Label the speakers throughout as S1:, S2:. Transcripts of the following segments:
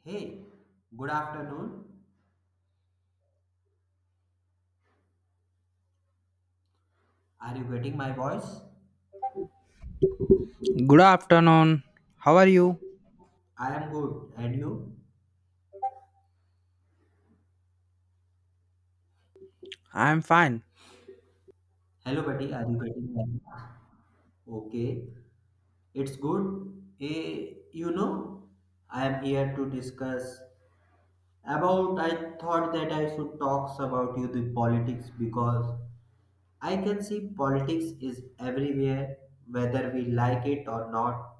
S1: Hey, good afternoon. Are you getting my voice?
S2: Good afternoon. How are you?
S1: I am good. And you?
S2: I'm fine.
S1: Hello, buddy. Are you getting my— Okay, it's good. Eh, you know, I am here to discuss about. I thought that I should talk about you the politics because I can see politics is everywhere, whether we like it or not.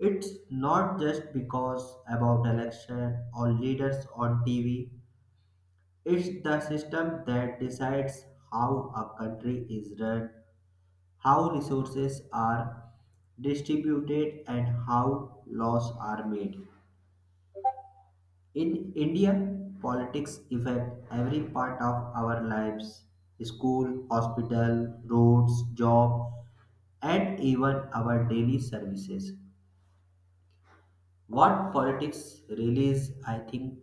S1: It's not just because about election or leaders on TV. It's the system that decides how a country is run, how resources are distributed, and how laws are made. In India, politics affect every part of our lives: school, hospital, roads, job, and even our daily services. What politics really is, I think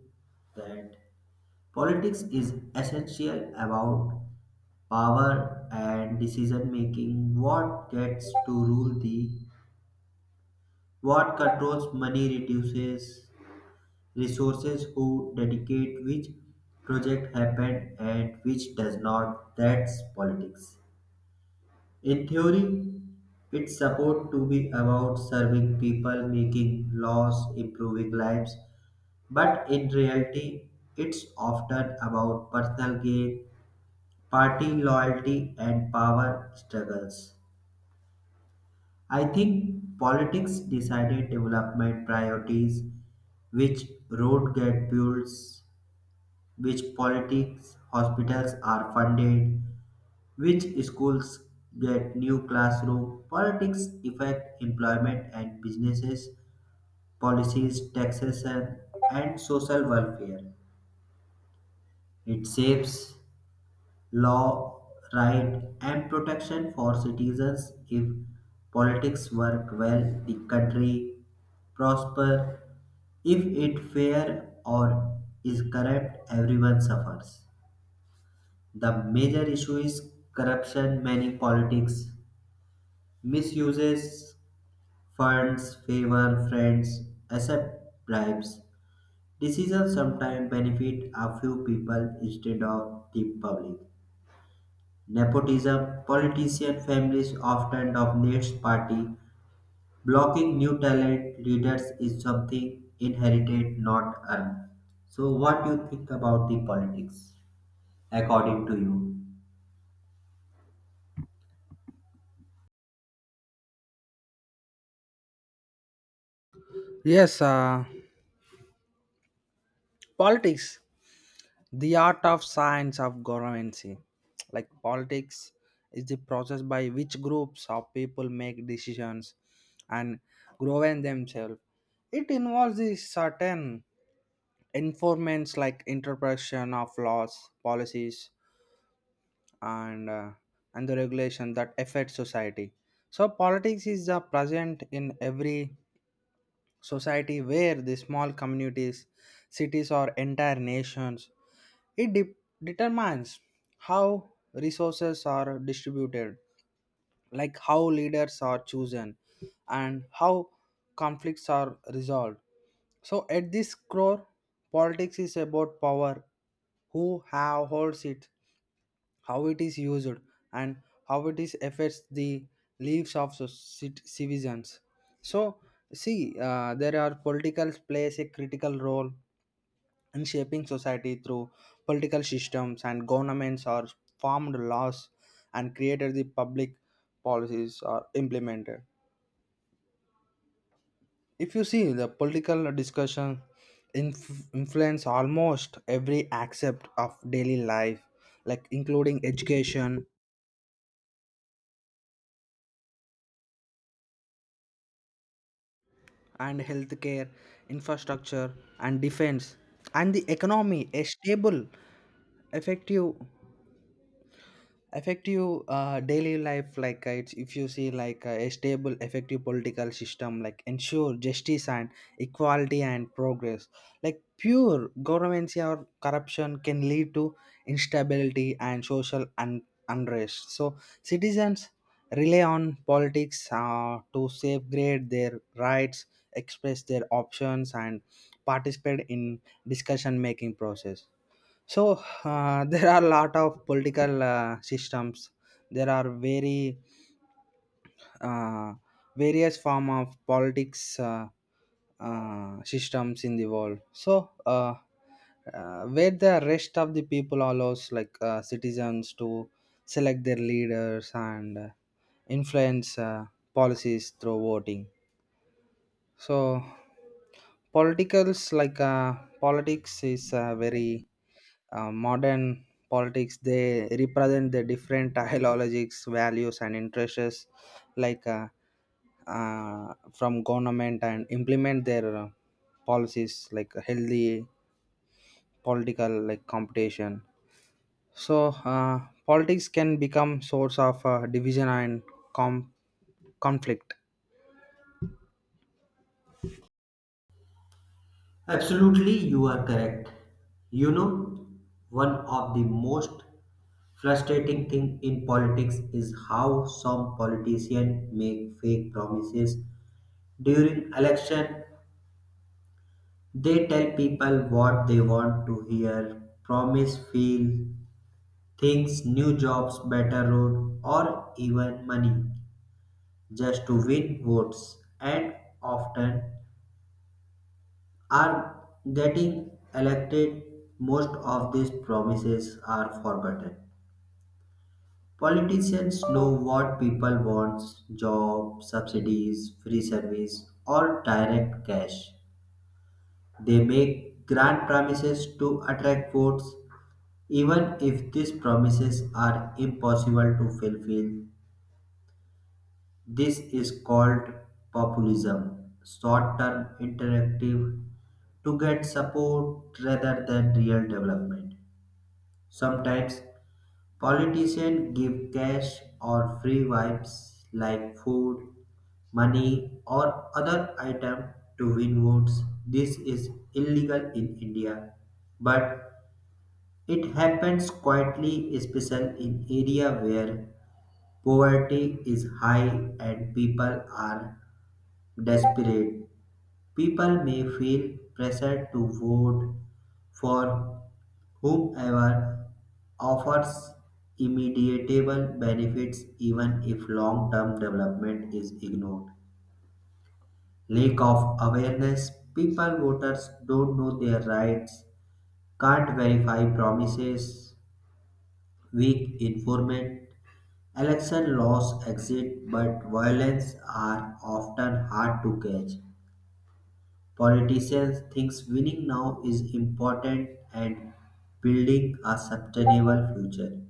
S1: that politics is essential about power and decision making, what gets to rule the, what controls money, reduces resources, who dedicate which project happen and which does not. That's politics. In theory, it's supposed to be about serving people, making laws, improving lives, but in reality it's often about personal gain, party loyalty and power struggles. I think politics decided development priorities, which road get built, which politics hospitals are funded, which schools get new classroom. Politics affect employment and businesses, policies, taxation, and social welfare. It shapes law, right, and protection for citizens. If politics work well, the country prosper. If it fair or is corrupt, everyone suffers. The major issue is corruption. Many politics misuses funds, favor friends, accept bribes. Decisions sometimes benefit a few people instead of the public. Nepotism. Politician families often dominate party. Blocking new talent leaders is something inherited, not earned. So, what do you think about the politics, according to you?
S2: Yes, politics, the art of science of governancy. Like politics is the process by which groups of people make decisions and govern themselves. It involves the certain informants like interpretation of laws, policies, and uh, and the regulation that affect society. So politics is present in every society where the small communities, cities, or entire nations. It determines how resources are distributed, like how leaders are chosen, and how conflicts are resolved. So at this core, politics is about power, who have holds it, how it is used and how it is affects the lives of citizens. So see, there are political plays a critical role in shaping society through political systems, and governments are formed, laws and created the public policies are implemented. If you see, the political discussion influence almost every aspect of daily life, like including education and healthcare, infrastructure and defense, and the economy. A stable, effective effective daily life, like it's, if you see like a stable effective political system like ensure justice and equality and progress, like pure governance or corruption can lead to instability and social unrest. So citizens rely on politics to safeguard their rights, express their options and participate in discussion making process. So there are a lot of political systems. There are very uh, various form of politics systems in the world. So where the rest of the people allows like citizens to select their leaders and influence policies through voting. So politicals like politics is very modern politics, they represent the different ideologies, values and interests, like from government and implement their policies like a healthy political like competition. So politics can become source of division and com- conflict.
S1: Absolutely, you are correct. You know, one of the most frustrating thing in politics is how some politicians make fake promises during election. They tell people what they want to hear, promise feel things, new jobs, better road, or even money just to win votes, and often are getting elected. Most of these promises are forgotten. Politicians know what people want: job, subsidies, free service, or direct cash. They make grand promises to attract votes. Even if these promises are impossible to fulfill, this is called populism, short term interactive to get support rather than real development. Sometimes politicians give cash or free vibes like food, money, or other item to win votes. This is illegal in India, but it happens quietly, especially in area where poverty is high and people are desperate. People may feel pressure to vote for whomever offers immediate benefits even if long-term development is ignored. Lack of awareness, people voters don't know their rights, can't verify promises. Weak informant. Election laws exist, but violence are often hard to catch. Politicians think winning now is important and building a sustainable future.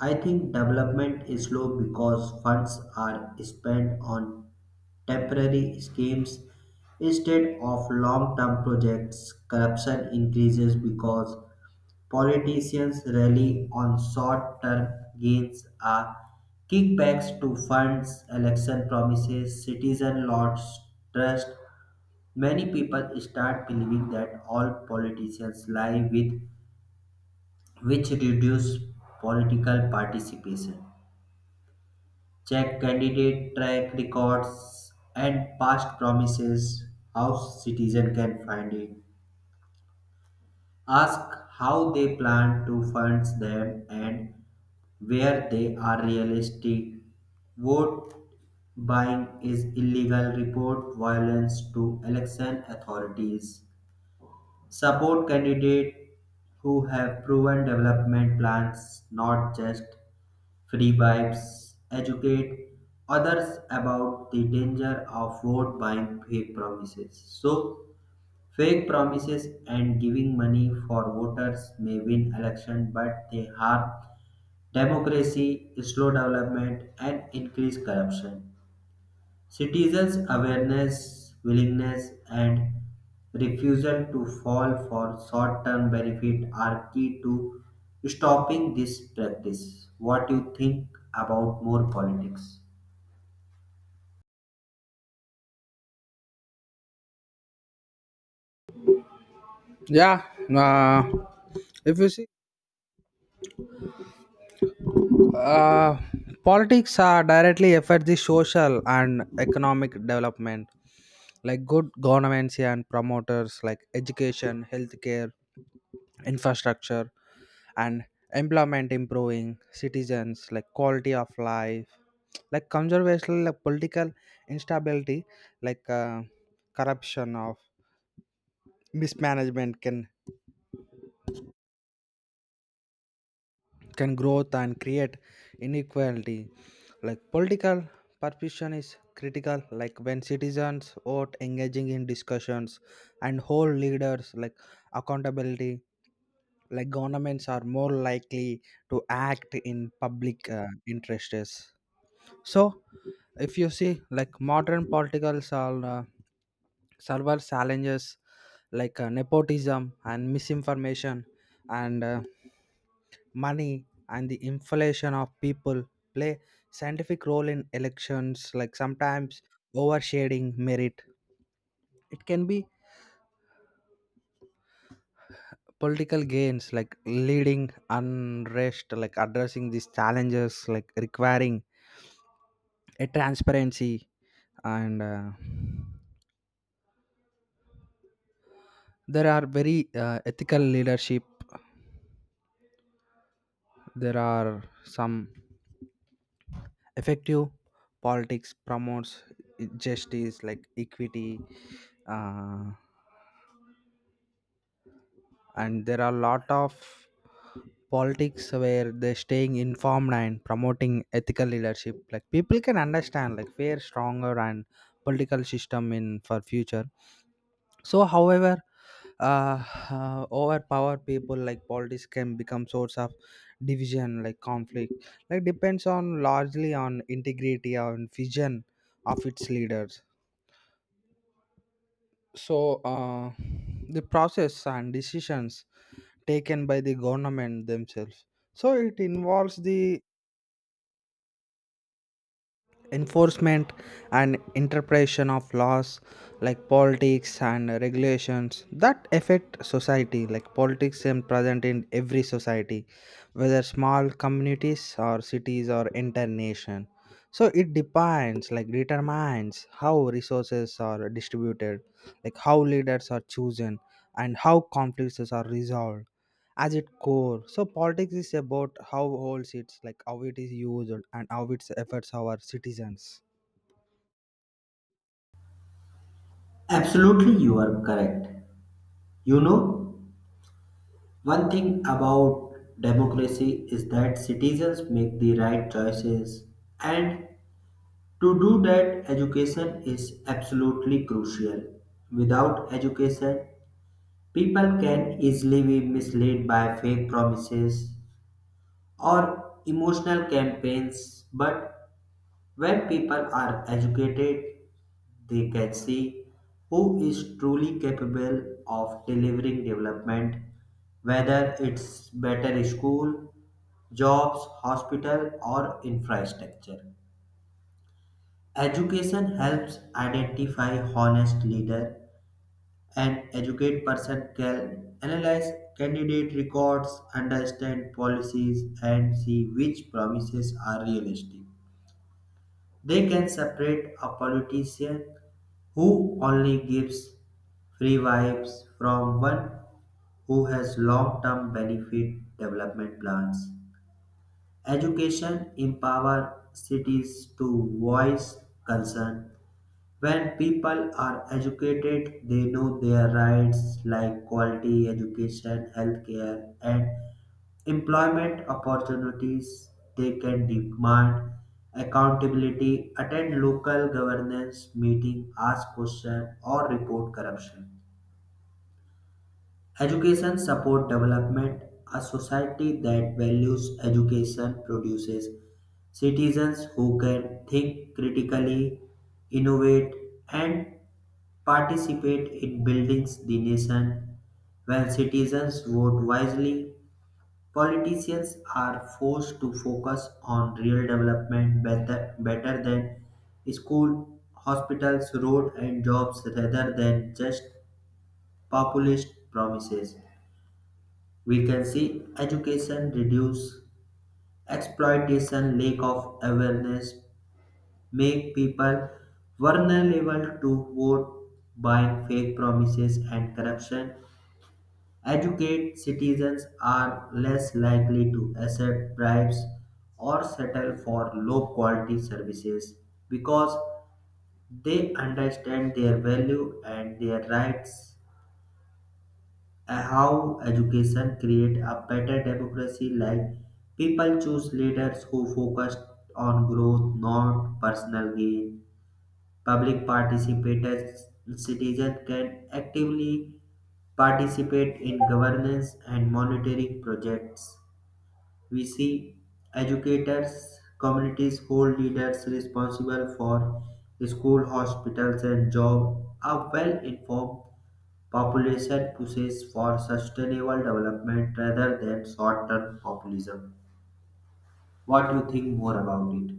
S1: I think development is slow because funds are spent on temporary schemes instead of long term projects. Corruption increases because politicians rely on short-term gains are kickbacks to fund election promises. Citizen lost trust. Many people start believing that all politicians lie, with which reduce political participation. Check candidate track records and past promises. How citizen can find it. Ask how they plan to fund them and where they are realistic. Vote buying is illegal. Report violence to election authorities. Support candidates who have proven development plans, not just free bribes. Educate others about the danger of vote buying fake promises. So, fake promises and giving money for voters may win election, but they harm democracy, slow development, and increase corruption. Citizens' awareness, willingness, and refusal to fall for short-term benefit are key to stopping this practice. What do you think about more politics?
S2: Yeah. uh, if you see, Uh, politics are directly affect the social and economic development. Like good governments and promoters like education, healthcare, infrastructure, and employment improving citizens like quality of life. Like conservation, like political instability, like corruption of mismanagement can growth and create inequality, like political participation is critical, like when citizens vote engaging in discussions and hold leaders like accountability, like governments are more likely to act in public interests. So if you see, like modern political server challenges like nepotism and misinformation and money and the inflation of people play scientific role in elections, like sometimes overshading merit, it can be political gains like leading unrest, like addressing these challenges like requiring a transparency and there are very ethical leadership. There are some effective politics promotes justice like equity, uh, and there are a lot of politics where they're staying informed and promoting ethical leadership, like people can understand like where stronger and political system in for future. So however uh, overpower people, like politics can become source of division like conflict, like depends on largely on integrity and vision of its leaders. So the process and decisions taken by the government themselves, so it involves the enforcement and interpretation of laws like politics and regulations that affect society, like politics is present in every society whether small communities or cities or entire nation. So it depends like determines how resources are distributed, like how leaders are chosen and how conflicts are resolved as its core. So politics is about how holds it's like how it is used and how it affects our citizens.
S1: Absolutely, you are correct. You know, one thing about democracy is that citizens make the right choices, and to do that, education is absolutely crucial. Without education, people can easily be misled by fake promises or emotional campaigns, but when people are educated, they can see who is truly capable of delivering development, whether it's better school, jobs, hospital, or infrastructure. Education helps identify honest leader. An educated person can analyze candidate records, understand policies, and see which promises are realistic. They can separate a politician who only gives free vibes from one who has long term benefit development plans. Education empower cities to voice concern. When people are educated, they know their rights like quality education, healthcare, and employment opportunities. They can demand accountability, attend local governance meeting, ask questions, or report corruption. Education support development. A society that values education produces citizens who can think critically, innovate, and participate in building the nation. When citizens vote wisely, politicians are forced to focus on real development better, than school, hospitals, road, and jobs rather than just populist promises. We can see education reduce exploitation, lack of awareness, make people vulnerable to vote buying, fake promises, and corruption. Educate citizens are less likely to accept bribes or settle for low quality services because they understand their value and their rights. How education create a better democracy, like people choose leaders who focus on growth not personal gain. Public participators, citizens can actively participate in governance and monitoring projects. We see educators communities hold leaders responsible for school hospitals and job. A well informed population pushes for sustainable development rather than short term populism. What do you think more about it?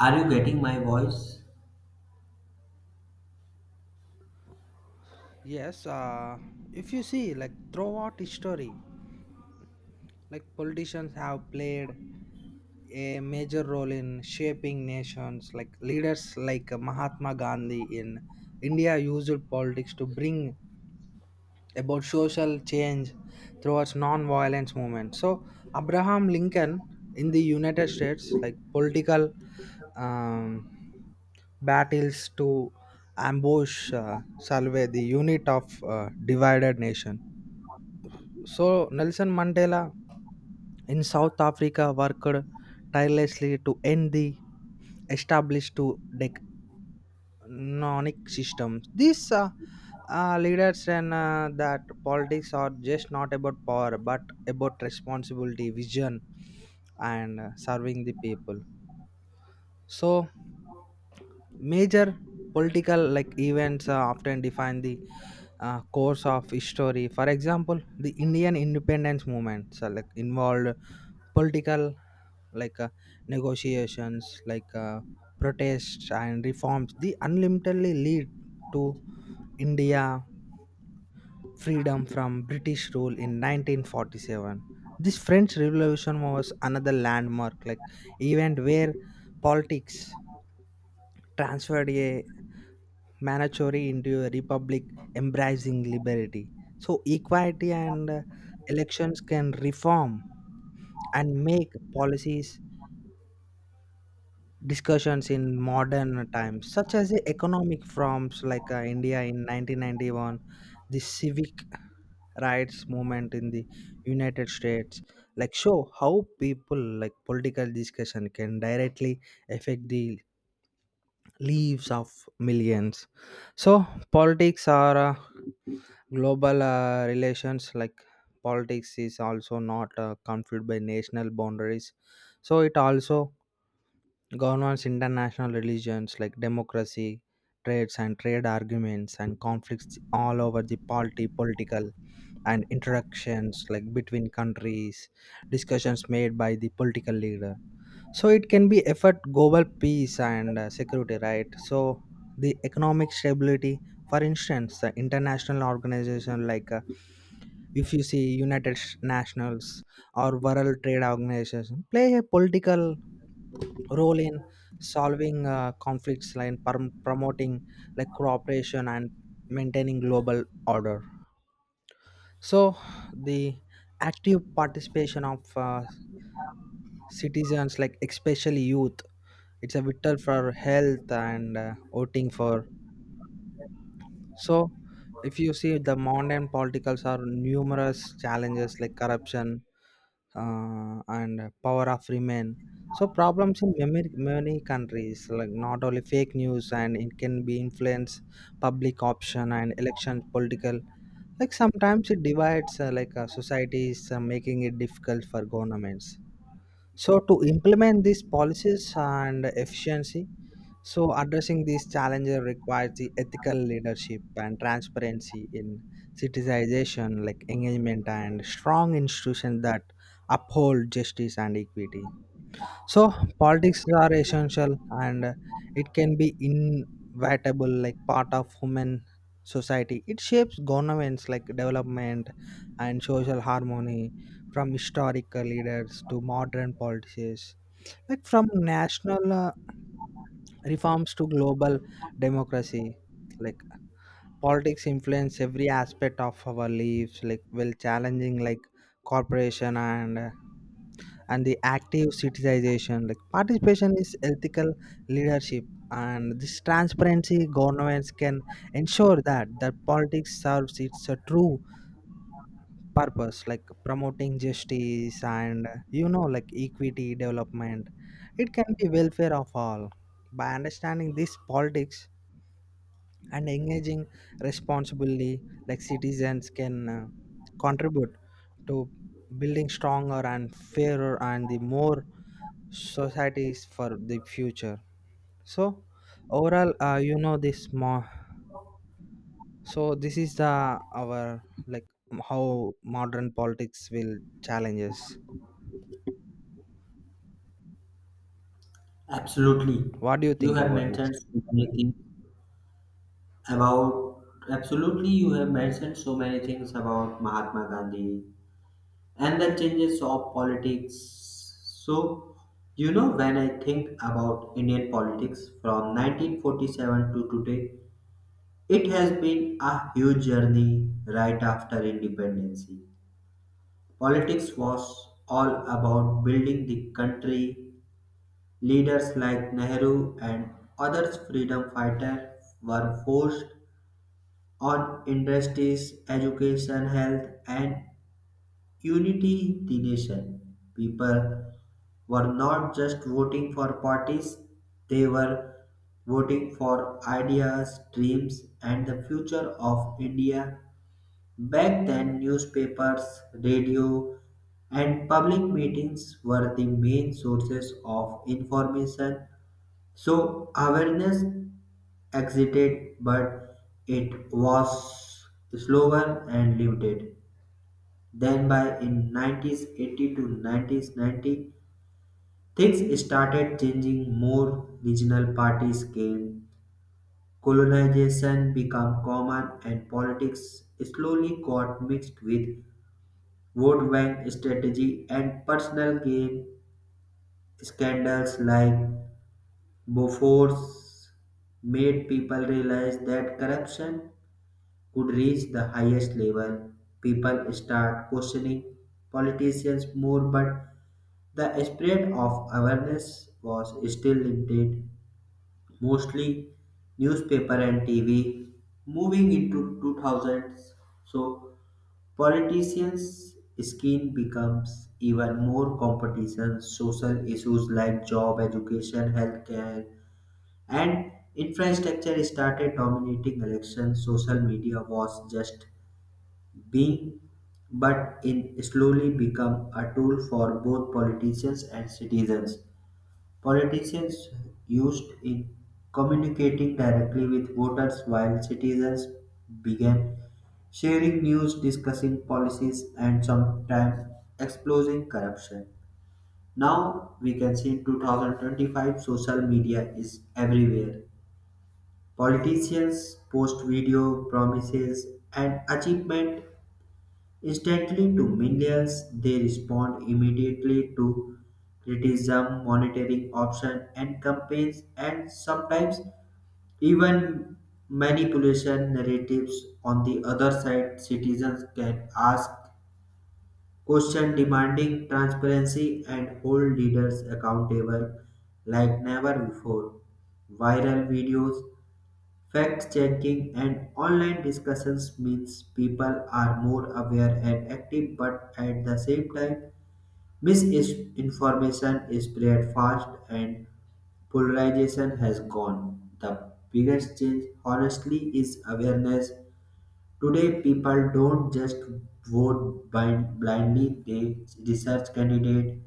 S1: Are you getting my voice?
S2: Yes, if you see, like throughout history, like politicians have played a major role in shaping nations. Like leaders like Mahatma Gandhi in India used politics to bring about social change towards non-violence movement. So Abraham Lincoln in the United States, like political um, battles to ambush Salve, the unit of divided nation. So Nelson Mandela in South Africa worked tirelessly to end the established to decnonic systems. These leaders and that politics are just not about power but about responsibility, vision, and serving the people. So major political like events often define the course of history. For example, the Indian independence movement, so, like involved political like negotiations, like protests and reforms. The unlimitedly lead to India freedom from British rule in 1947. This French Revolution was another landmark like event where politics transferred a monarchy into a republic embracing liberty. So equality and elections can reform and make policies discussions in modern times, such as the economic forms like India in 1991, the civic rights movement in the United States, like show how people like political discussion can directly affect the lives of millions. So politics are global relations, like politics is also not confused by national boundaries, so it also governs international religions like democracy, trades and trade arguments and conflicts all over the party political and interactions like between countries, discussions made by the political leader. So it can be effort global peace and security, right? So the economic stability, for instance, the international organization, like if you see United Nations or World Trade Organization play a political role in solving conflicts and promoting like cooperation and maintaining global order. So the active participation of citizens, like especially youth, it's a vital for health and voting for. So if you see the modern politicals are numerous challenges like corruption and power of remain. So problems in many, many countries like not only fake news and it can be influence public option and election political. Like sometimes it divides like societies, making it difficult for governments. So to implement these policies and efficiency, so, addressing these challenges requires the ethical leadership and transparency in citizenization, like engagement, and strong institutions that uphold justice and equity. So politics are essential and it can be inevitable, like part of human society. It shapes governments, like development and social harmony, from historical leaders to modern politicians, like from national reforms to global democracy, like politics influence every aspect of our lives like well challenging, like corporation and the active citizenization like participation is ethical leadership and this transparency governments can ensure that politics serves its true purpose like promoting justice and you know like equity development it can be welfare of all by understanding this politics and engaging responsibly, like citizens can contribute to building stronger and fairer and the more societies for the future. So overall you know this more, so this is the our like how modern politics will challenge us.
S1: Absolutely.
S2: What do you
S1: You
S2: think
S1: have
S2: about this?
S1: mentioned so many things about absolutely you have mentioned so many things about Mahatma Gandhi and the changes of politics. So, you know, when I think about Indian politics from 1947 to today, it has been a huge journey. Right after independence, politics was all about building the country. Leaders like Nehru and others freedom fighters were forced on industries, education, health and unity the nation. People were not just voting for parties, they were voting for ideas, dreams and the future of India. Back then, newspapers, radio, and public meetings were the main sources of information. So, awareness existed, but it was slower and limited. Then, by in 1980 to 1990, things started changing more. Regional parties came, colonization became common, and politics slowly got mixed with vote bank strategy, and personal gain. Scandals like Bofors made people realize that corruption could reach the highest level. People start questioning politicians more, but the spread of awareness was still limited, mostly newspaper and TV. Moving into 2000s, so politicians' skin becomes even more competition. Social issues like job, education, healthcare, and infrastructure started dominating elections. Social media was just being, but in slowly become a tool for both politicians and citizens. Politicians used in communicating directly with voters while citizens began sharing news, discussing policies, and sometimes exposing corruption. Now we can see in 2025 social media is everywhere. Politicians post video promises and achievement instantly to millions, they respond immediately to criticism, monitoring options, and campaigns, and sometimes even manipulation narratives. On the other side, citizens can ask questions demanding transparency and hold leaders accountable like never before. Viral videos, fact checking and online discussions means people are more aware and active, but at the same time, misinformation is spread fast and polarization has gone. The biggest change, honestly, is awareness. Today, people don't just blindly, they research candidates,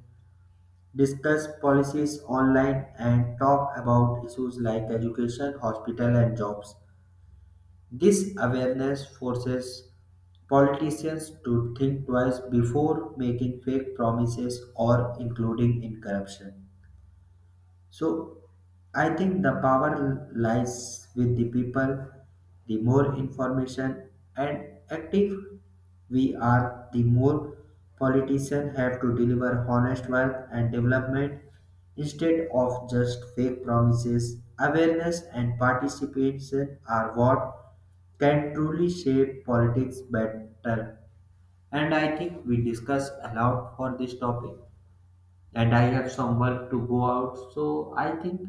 S1: discuss policies online, and talk about issues like education, hospital, and jobs. This awareness forces politicians to think twice before making fake promises or including in corruption. So I think the power lies with the people. The more information and active we are, the more politicians have to deliver honest work and development instead of just fake promises. Awareness and participation are what can truly shape politics better. And I think we discussed a lot for this topic and I have some work to go out. So I think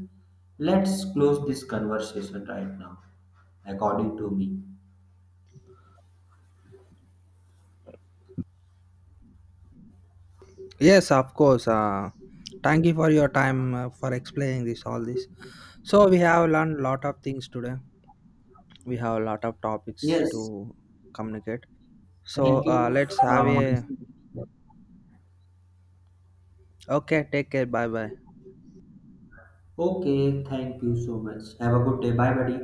S1: let's close this conversation right now, according to me.
S2: Yes, of course. Thank you for your time for explaining this all this. So we have learned lot of things today, we have a lot of topics
S1: Yes,
S2: to communicate. So
S1: thank you
S2: let's have
S1: from my
S2: a
S1: side.
S2: okay, take care, bye bye.
S1: Okay, thank you so much. Have a good day. Bye, buddy.